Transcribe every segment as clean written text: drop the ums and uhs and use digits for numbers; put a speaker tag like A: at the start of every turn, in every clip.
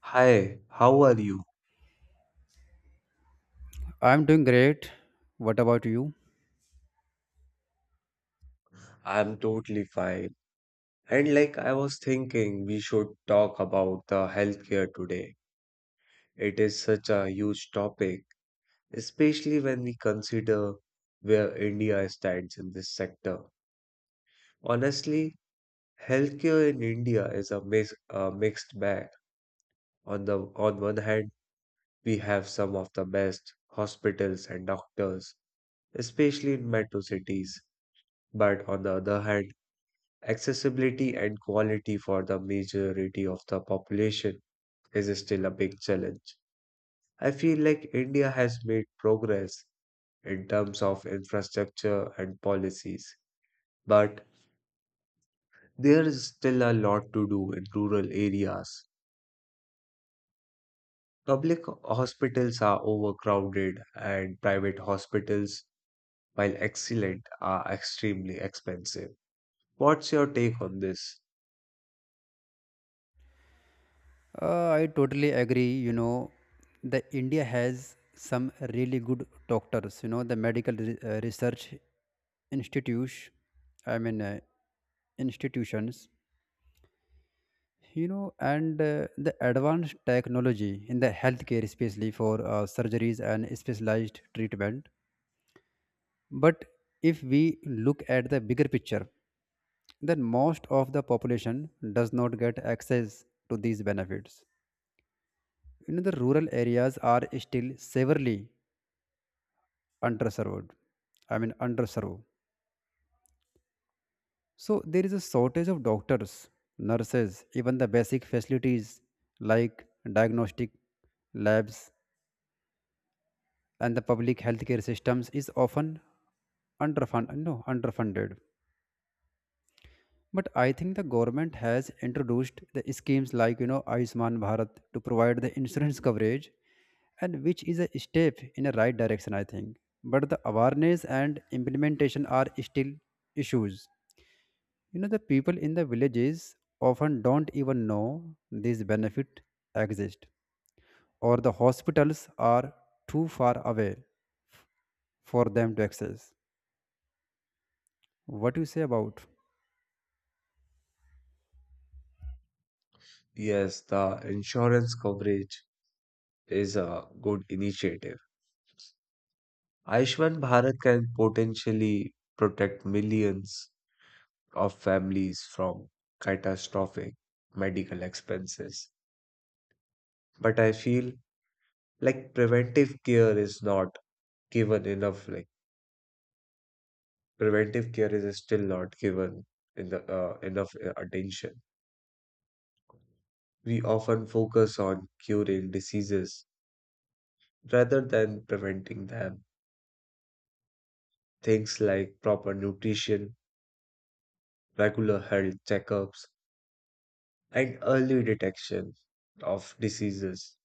A: Hi, how are you?
B: I'm doing great. What about you?
A: I'm totally fine. And like I was thinking, we should talk about the healthcare today. It is such a huge topic, especially when we consider where India stands in this sector. Honestly, healthcare in India is a mix, a mixed bag. On one hand, we have some of the best hospitals and doctors, especially in metro cities. But on the other hand, accessibility and quality for the majority of the population is still a big challenge. I feel like India has made progress in terms of infrastructure and policies, but there is still a lot to do in rural areas. Public hospitals are overcrowded, and private hospitals, while excellent, are extremely expensive. What's your take on this?
B: I totally agree. The India has some really good doctors. The medical research institute. I mean, institutions. You know, and The advanced technology in the healthcare, especially for surgeries and specialized treatment. But if we look at the bigger picture, then most of the population does not get access to these benefits. The rural areas are still severely underserved. I mean, underserved. So there is a shortage of doctors, nurses, even the basic facilities like diagnostic labs, and the public healthcare systems is often underfund, no, underfunded. But I think the government has introduced the schemes like Ayushman Bharat to provide the insurance coverage, and which is a step in the right direction, I think. But the awareness and implementation are still issues. The people in the villages often don't even know these benefit exist, or the hospitals are too far away for them to access. What do you say about?
A: Yes, the insurance coverage is a good initiative. Ayushman Bharat can potentially protect millions of families from catastrophic medical expenses. But I feel like preventive care is not given enough. Like preventive care is still not given in the enough attention. We often focus on curing diseases rather than preventing them. Things like proper nutrition, regular health checkups, and early detection of diseases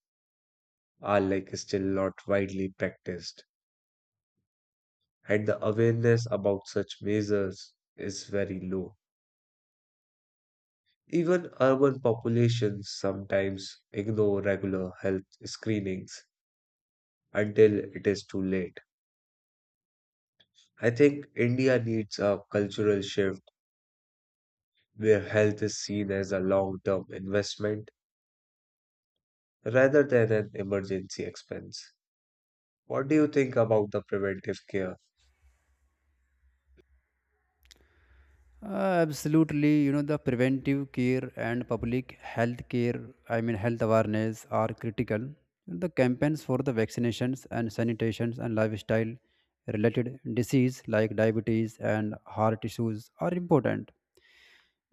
A: are like still not widely practiced, and the awareness about such measures is very low. Even urban populations sometimes ignore regular health screenings until it is too late. I think India needs a cultural shift where health is seen as a long term investment rather than an emergency expense. What do you think about the preventive care?
B: Absolutely, the preventive care and public health care, I mean, health awareness are critical. The campaigns for the vaccinations and sanitations and lifestyle related disease like diabetes and heart issues are important.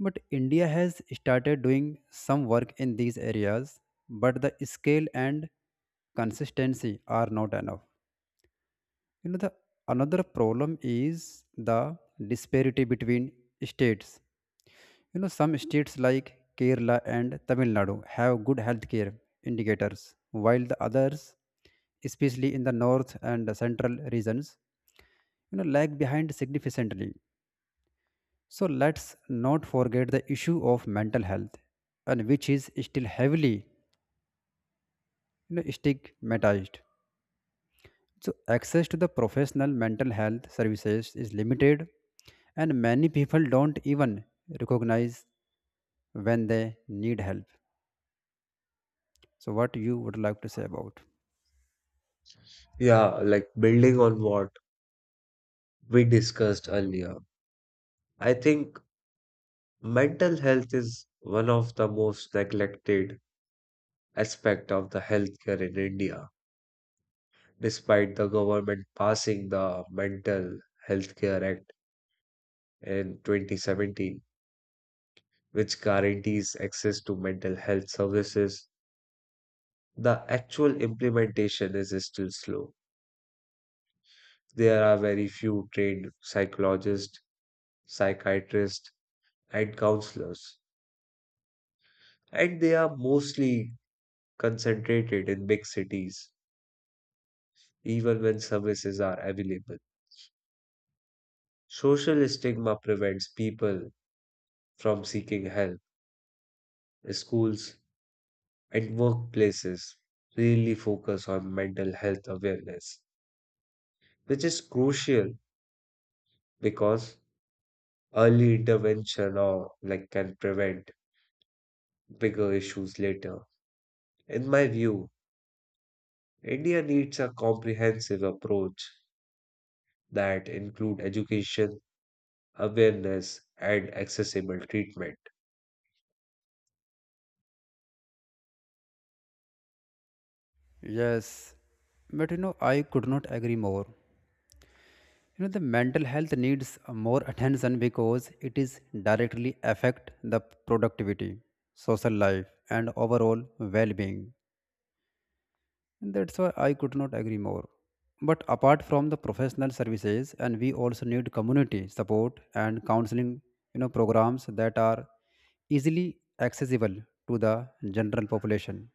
B: But India has started doing some work in these areas, but the scale and consistency are not enough. The another problem is the disparity between states. Some states like Kerala and Tamil Nadu have good healthcare indicators, while the others, especially in the north and central regions, lag behind significantly. So let's not forget the issue of mental health, and which is still heavily stigmatized. So access to the professional mental health services is limited, and many people don't even recognize when they need help. So, what you would like to say about?
A: Yeah, like building on what we discussed earlier. I think mental health is one of the most neglected aspect of the healthcare in India. Despite the government passing the Mental Health Care Act in 2017, which guarantees access to mental health services, the actual implementation is still slow. There are very few trained psychologists, psychiatrists, and counselors, and they are mostly concentrated in big cities, even when services are available. Social stigma prevents people from seeking help. Schools and workplaces really focus on mental health awareness, which is crucial because early intervention or like can prevent bigger issues later. In my view, India needs a comprehensive approach that include education, awareness, and accessible treatment.
B: Yes, but I could not agree more. The mental health needs more attention because it is directly affect the productivity, social life, and overall well-being. And that's why I could not agree more. But apart from the professional services, and we also need community support and counseling, programs that are easily accessible to the general population.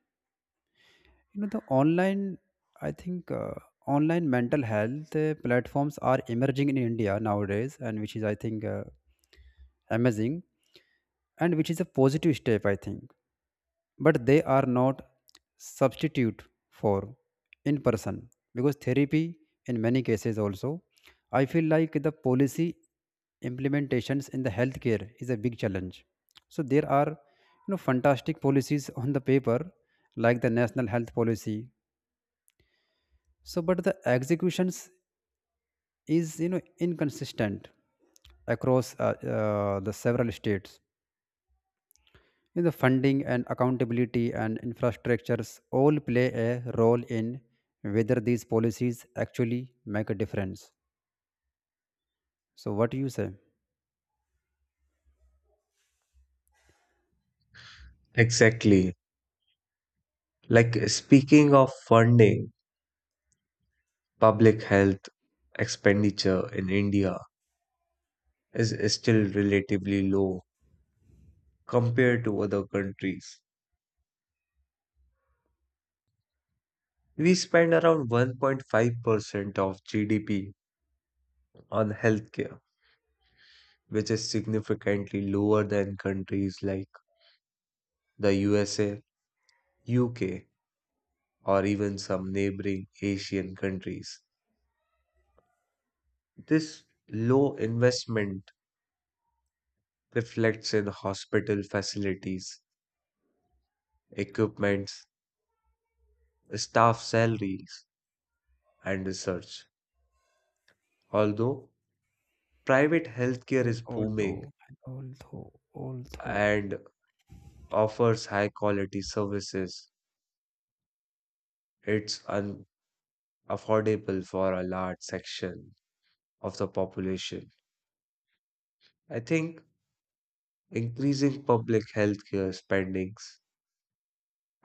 B: The online, I think, Online mental health platforms are emerging in India nowadays, and which is, I think, amazing, and which is a positive step, I think. But they are not substitute for in person because therapy, in many cases, also, I feel like the policy implementations in the healthcare is a big challenge. So there are fantastic policies on the paper like the national health policy, so, but the executions is inconsistent across the several states. Funding and accountability and infrastructures all play a role in whether these policies actually make a difference. So, what do you say?
A: Exactly. Like speaking of funding, public health expenditure in India is still relatively low compared to other countries. We spend around 1.5% of GDP on healthcare, which is significantly lower than countries like the USA, UK, or even some neighboring Asian countries. This low investment reflects in hospital facilities, equipments, staff salaries, and research. Although private healthcare
B: And
A: is booming
B: although, and although, although,
A: and offers high quality services, it's unaffordable for a large section of the population. I think increasing public healthcare spendings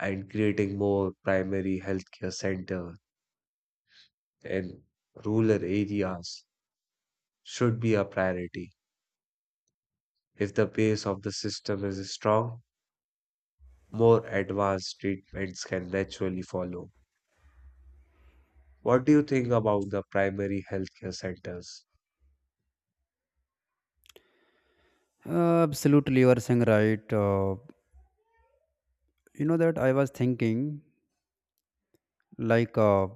A: and creating more primary healthcare center in rural areas should be a priority. If the base of the system is strong, more advanced treatments can naturally follow. What do you think about the primary healthcare centers?
B: absolutely, you are saying right. You know that I was thinking like.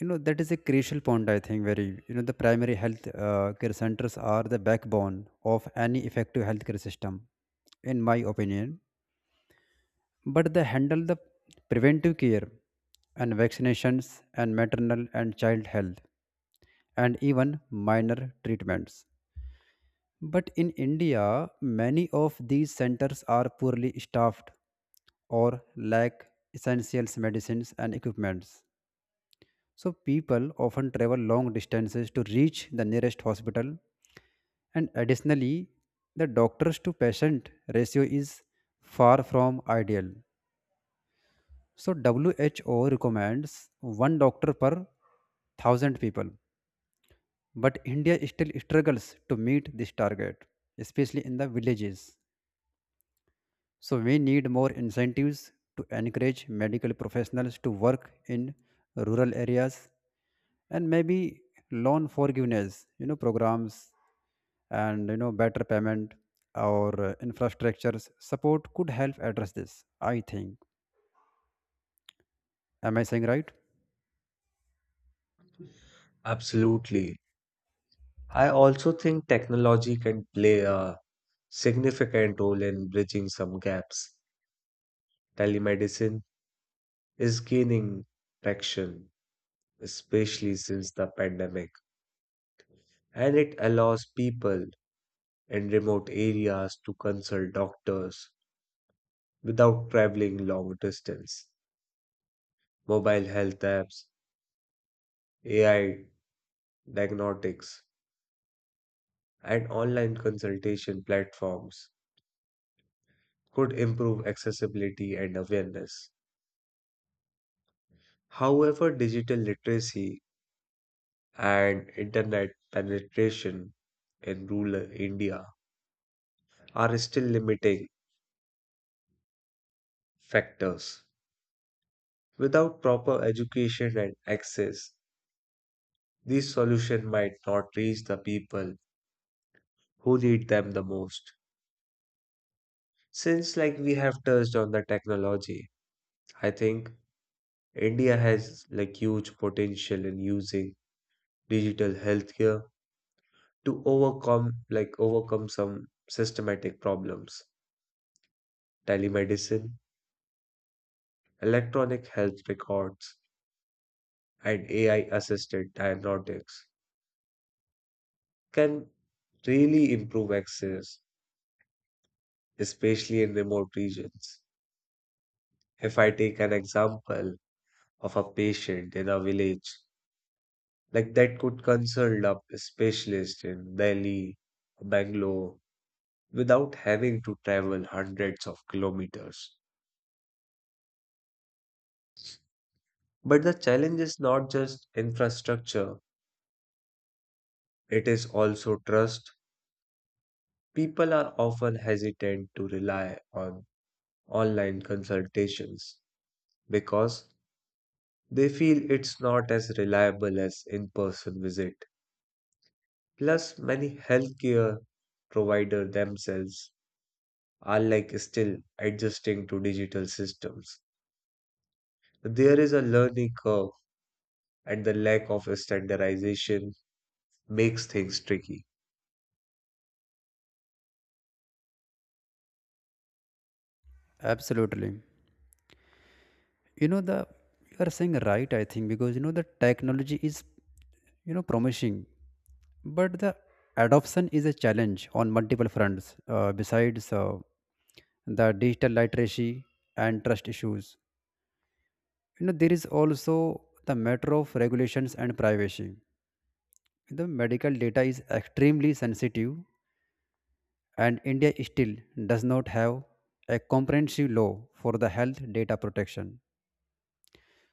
B: You know that is a crucial point, I think. Very The primary health care centers are the backbone of any effective healthcare system, in my opinion. But they handle the preventive care and vaccinations and maternal and child health and even minor treatments. But in India, many of these centers are poorly staffed or lack essential medicines and equipments. So people often travel long distances to reach the nearest hospital, and additionally, the doctors to patient ratio is far from ideal. So WHO recommends one doctor per 1,000 people, but India still struggles to meet this target, especially in the villages. So we need more incentives to encourage medical professionals to work in rural areas, and maybe loan forgiveness, programs, and better payment or infrastructures support could help address this, I think. Am I saying right?
A: Absolutely. I also think technology can play a significant role in bridging some gaps. Telemedicine is gaining traction, especially since the pandemic, and it allows people in remote areas to consult doctors without traveling long distance. Mobile health apps, AI diagnostics, and online consultation platforms could improve accessibility and awareness. However, digital literacy and internet penetration in rural India are still limiting factors. Without proper education and access, these solutions might not reach the people who need them the most. Since like we have touched on the technology, I think India has like huge potential in using digital healthcare to overcome some systematic problems. Telemedicine, electronic health records, and AI assisted diagnostics can really improve access, especially in remote regions. If I take an example of a patient in a village, like that could consult a specialist in Delhi, Bangalore, without having to travel hundreds of kilometers. But the challenge is not just infrastructure. It is also trust. People are often hesitant to rely on online consultations because they feel it's not as reliable as in person visit. Plus, many healthcare providers themselves are like still adjusting to digital systems. There is a learning curve, and the lack of standardization makes things tricky.
B: Absolutely. You know the You are saying right, I think, because the technology is promising, but the adoption is a challenge on multiple fronts. Besides the digital literacy and trust issues, there is also the matter of regulations and privacy. The medical data is extremely sensitive, and India still does not have a comprehensive law for the health data protection.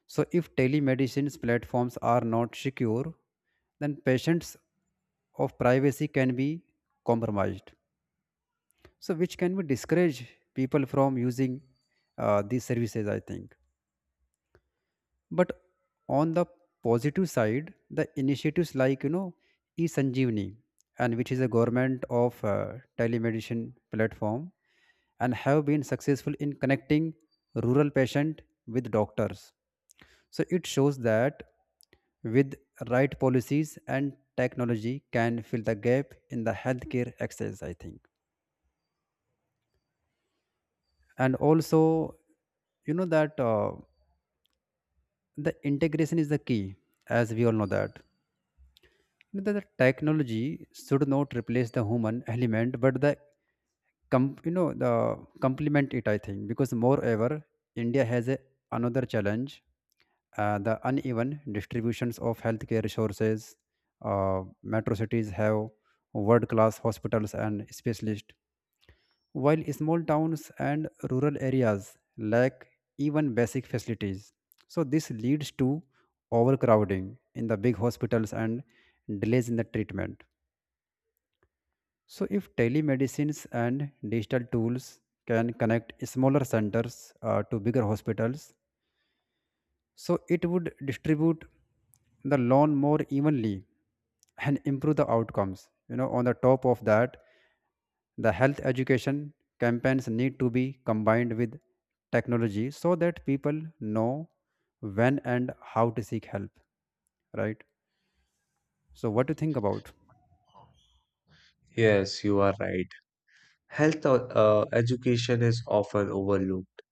B: So, if telemedicine platforms are not secure, then patients of privacy can be compromised. So, which can be discourage people from using these services, I think. But on the positive side, the initiatives like eSanjeevani, and which is a government of telemedicine platform, and have been successful in connecting rural patient with doctors. So it shows that with right policies and technology can fill the gap in the healthcare access, I think. And also you know that the integration is the key, as we all know that the technology should not replace the human element, but you know the complement it, I think. Because moreover, India has another challenge. The uneven distributions of healthcare resources. Metro cities have world class hospitals and specialists, while small towns and rural areas lack even basic facilities. So this leads to overcrowding in the big hospitals and delays in the treatment. So, if telemedicines and digital tools can connect smaller centers to bigger hospitals, so it would distribute the loan more evenly and improve the outcomes. On the top of that, the health education campaigns need to be combined with technology so that people know when and how to seek help, right? So, what do you think about?
A: Yes, you are right. Health education is often overlooked.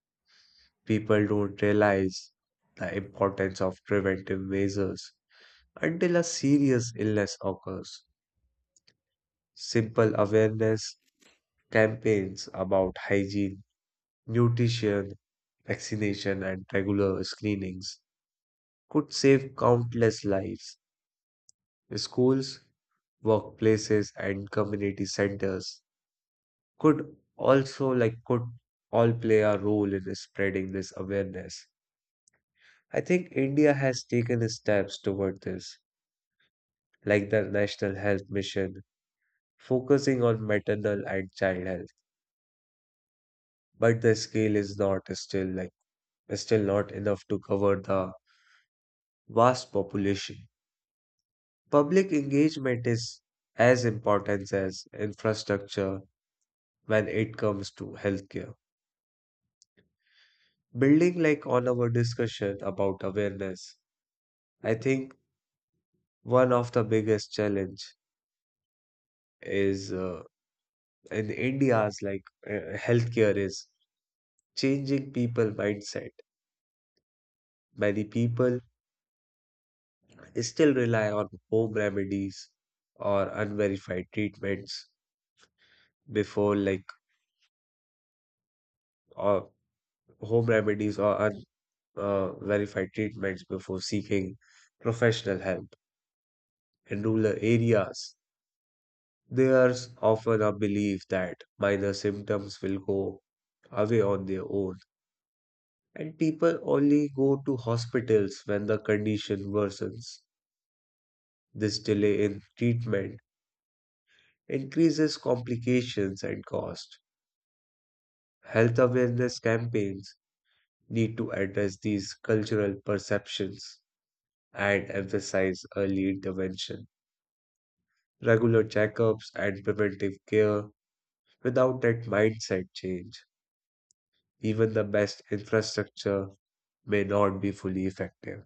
A: People don't realize the importance of preventive measures until a serious illness occurs. Simple awareness campaigns about hygiene, nutrition, vaccination, and regular screenings could save countless lives. Schools, workplaces, and community centers could also like could all play a role in spreading this awareness. I think India has taken steps toward this, like the National Health Mission, focusing on maternal and child health. But the scale is not still like still not enough to cover the vast population. Public engagement is as important as infrastructure when it comes to healthcare. Building like on our discussion about awareness, I think one of the biggest challenge is in India's healthcare is changing people mindset. Many people still rely on home remedies or unverified treatments before like or home remedies or verified treatments before seeking professional help in rural areas. There's often a belief that minor symptoms will go away on their own, and people only go to hospitals when the condition worsens. This delay in treatment increases complications and cost. Health awareness campaigns need to address these cultural perceptions and emphasize early intervention, regular checkups, and preventive care. Without that mindset change, even the best infrastructure may not be fully effective.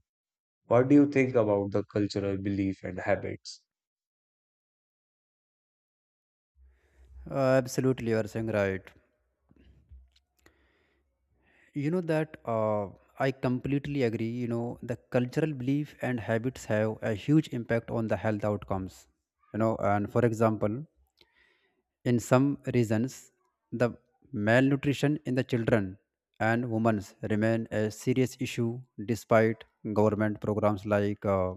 A: What do you think about the cultural belief and habits?
B: Uh, absolutely, you are saying right. You know that I completely agree. The cultural belief and habits have a huge impact on the health outcomes. And for example, in some regions, the malnutrition in the children and women remain a serious issue despite government programs like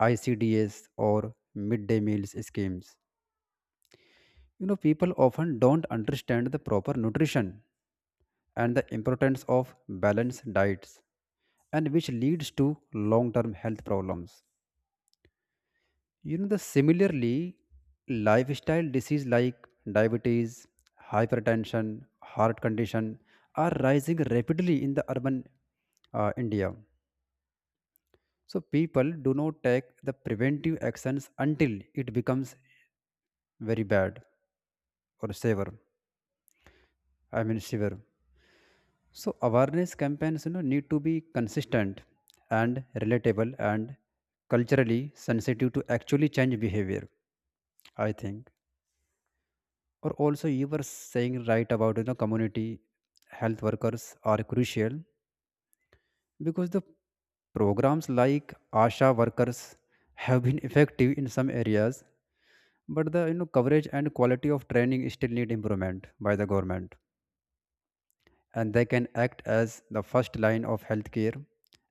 B: ICDS or midday meals schemes. People often don't understand the proper nutrition and the importance of balanced diets, and which leads to long term health problems. You know, the Similarly, lifestyle disease like diabetes, hypertension, heart condition are rising rapidly in the urban India. So people do not take the preventive actions until it becomes very bad or severe. I mean severe. So awareness campaigns, need to be consistent and relatable and culturally sensitive to actually change behavior, I think. Or also, you were saying right about community health workers are crucial because the programs like ASHA workers have been effective in some areas, but the coverage and quality of training still need improvement by the government. And they can act as the first line of healthcare.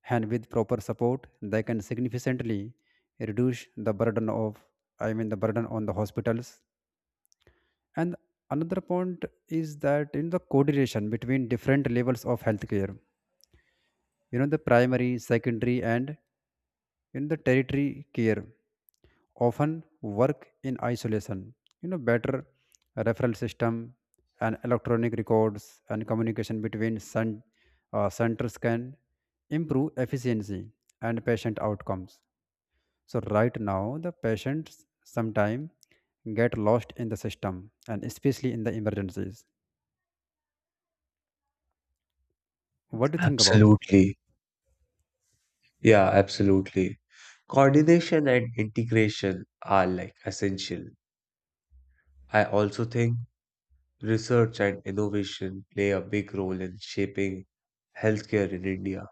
B: And with proper support, they can significantly reduce the burden of, I mean, the burden on the hospitals. And another point is that in the coordination between different levels of healthcare, the primary, secondary, and in the territory care often work in isolation. Better referral system and electronic records and communication between centers can improve efficiency and patient outcomes. So right now, the patients sometimes get lost in the system, and especially in the emergencies. What do you think about?
A: Absolutely. Yeah, absolutely. Coordination and integration are like essential. I also think research and innovation play a big role in shaping healthcare in India.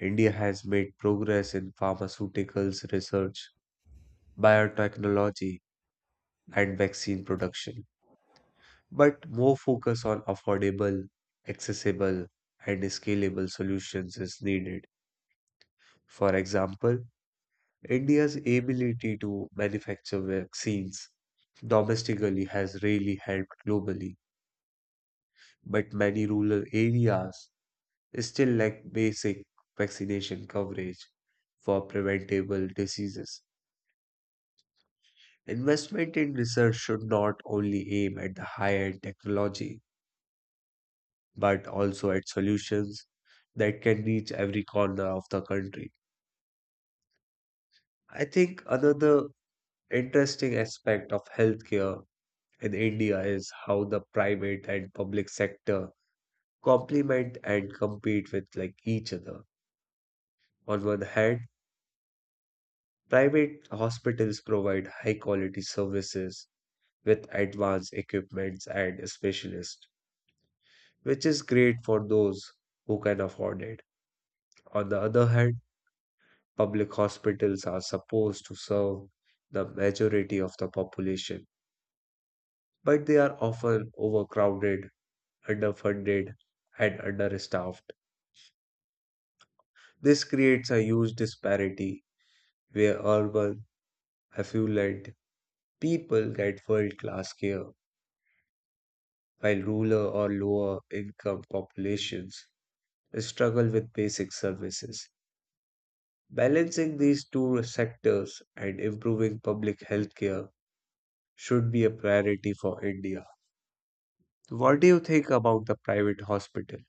A: India has made progress in pharmaceuticals research, biotechnology, and vaccine production, but more focus on affordable, accessible, and scalable solutions is needed. For example, India's ability to manufacture vaccines domestically has really helped globally, but many rural areas still lack basic vaccination coverage for preventable diseases. Investment in research should not only aim at the high-end technology, but also at solutions that can reach every corner of the country. I think another interesting aspect of healthcare in India is how the private and public sector complement and compete with like each other. On one hand, private hospitals provide high quality services with advanced equipments and specialists, which is great for those who can afford it. On the other hand, public hospitals are supposed to serve the majority of the population, but they are often overcrowded, underfunded, and understaffed. This creates a huge disparity where urban, affluent people get world class care, while rural or lower income populations struggle with basic services. Balancing these two sectors and improving public healthcare should be a priority for India. What do you think about the private hospital?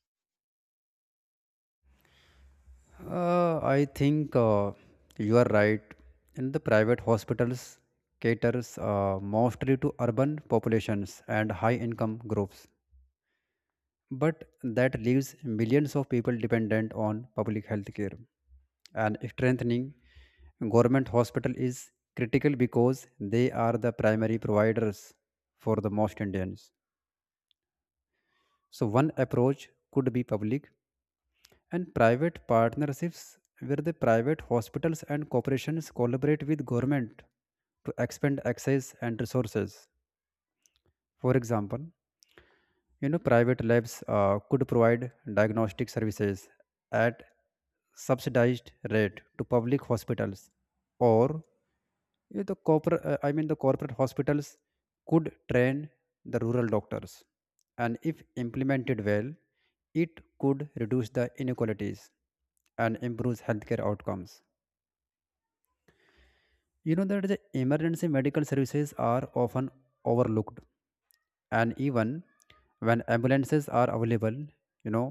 B: I think you are right. And the private hospitals caters mostly to urban populations and high-income groups, but that leaves millions of people dependent on public health care. And strengthening government hospital is critical because they are the primary providers for the most Indians. So one approach could be public and private partnerships where the private hospitals and corporations collaborate with government to expand access and resources. For example, private labs could provide diagnostic services at subsidized rate to public hospitals, or the corporate, I mean, the corporate hospitals could train the rural doctors, and if implemented well, it could reduce the inequalities and improves healthcare outcomes. You know that the emergency medical services are often overlooked, and even when ambulances are available, you know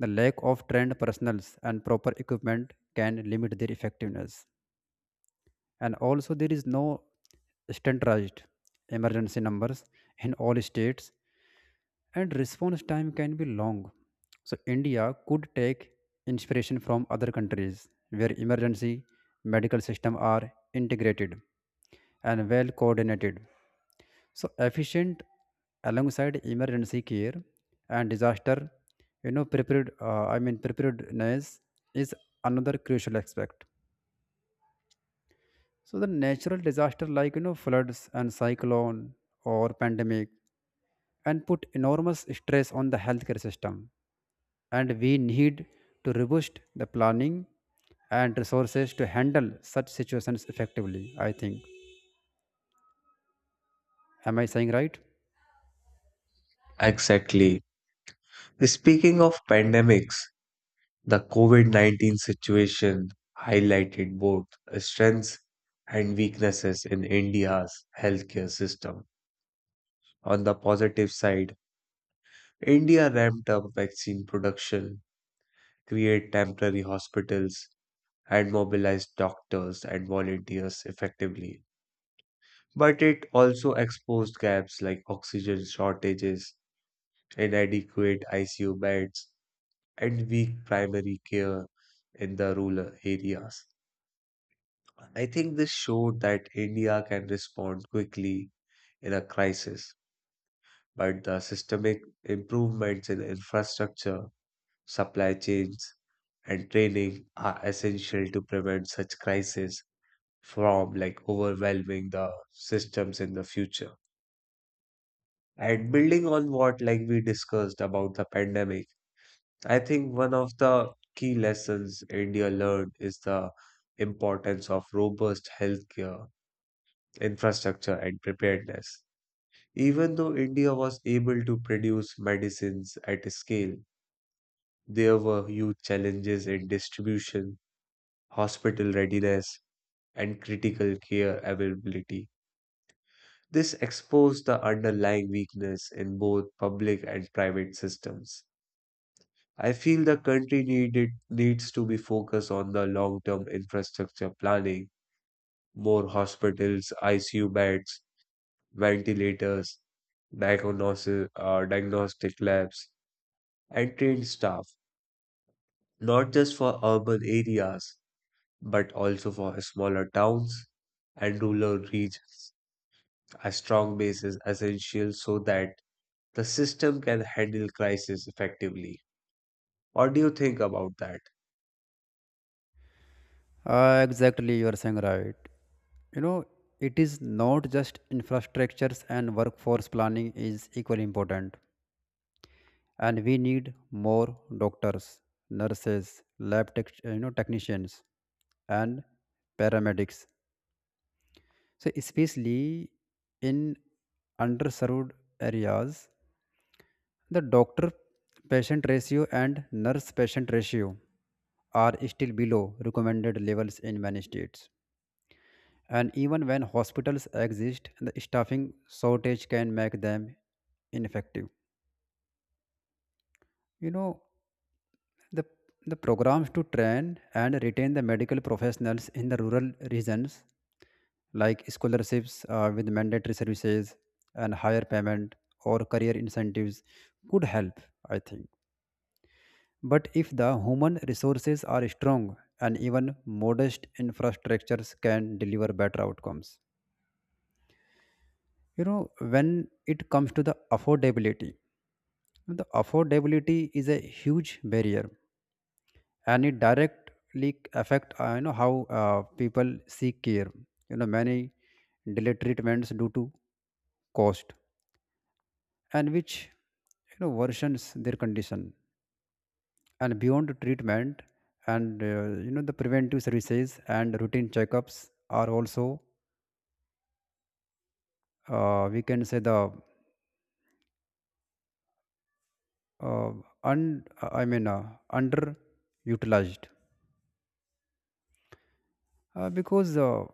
B: the lack of trained personals and proper equipment can limit their effectiveness. And also, there is no standardized emergency numbers in all states, and response time can be long. So, India could take inspiration from other countries where emergency medical system are integrated and well coordinated. So, efficient alongside emergency care and disaster, prepared. I mean, preparedness is another crucial aspect. So, the natural disaster like floods and cyclone or pandemic and put enormous stress on the healthcare system, and we need to robust the planning and resources to handle such situations effectively, I think. Am I saying right?
A: Exactly. Speaking of pandemics, the COVID 19 situation highlighted both strengths and weaknesses in India's healthcare system. On the positive side, India ramped up vaccine production, created temporary hospitals, and mobilized doctors and volunteers effectively. But it also exposed gaps like oxygen shortages, inadequate ICU beds, and weak primary care in the rural areas. I think this showed that India can respond quickly in a crisis, but the systemic improvements in infrastructure, supply chains, and training are essential to prevent such crises from like overwhelming the systems in the future. And building on what like we discussed about the pandemic, I think one of the key lessons India learned is the importance of robust healthcare infrastructure and preparedness. Even though India was able to produce medicines at scale, there were huge challenges in distribution, hospital readiness, and critical care availability. This exposed the underlying weakness in both public and private systems. I feel the country needs to be focused on the long term infrastructure planning, more hospitals, ICU beds, ventilators, diagnostic labs, and trained staff, not just for urban areas, but also for smaller towns and rural regions. A strong base is essential so that the system can handle crisis effectively. What do you think about that?
B: Exactly, you are saying right. you know it is not just infrastructures, and workforce planning is equally important. And we need more doctors, nurses, lab tech, technicians, and paramedics, so especially in underserved areas. The doctor patient ratio and nurse patient ratio are still below recommended levels in many states. And even when hospitals exist, the staffing shortage can make them ineffective. You know, the, the programs to train and retain the medical professionals in the rural regions, like scholarships with mandatory services and higher payment or career incentives, could help, I think. But if the human resources are strong, and even modest infrastructures can deliver better outcomes. When it comes to the affordability is a huge barrier, and it directly affect how people seek care. Many delay treatments due to cost, and which worsens their condition. And beyond treatment, and the preventive services and routine checkups are also, we can say, the uh, un I mean, underutilized, because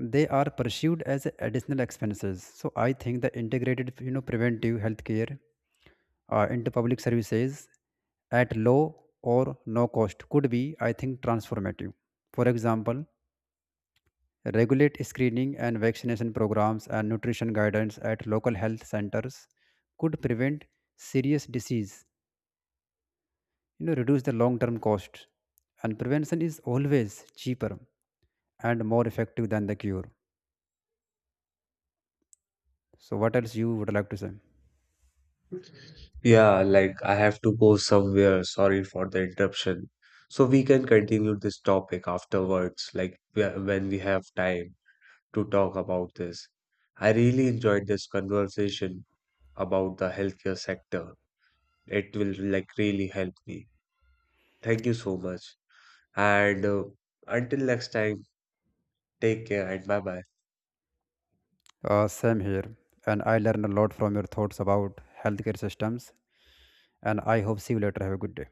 B: they are perceived as additional expenses. So I think the integrated, preventive healthcare into public services at low or no cost could be, I think, transformative. For example, regulate screening and vaccination programs and nutrition guidance at local health centers could prevent serious disease, reduce the long term cost. And prevention is always cheaper and more effective than the cure. So what else you would like to say?
A: Yeah, like I have to go somewhere. Sorry for the interruption. So we can continue this topic afterwards, like when we have time to talk about this. I really enjoyed this conversation about the healthcare sector. It will like really help me. Thank you so much. And until next time, take care and bye bye.
B: Same here. And I learned a lot from your thoughts about healthcare systems, and I hope see you later. Have a good day.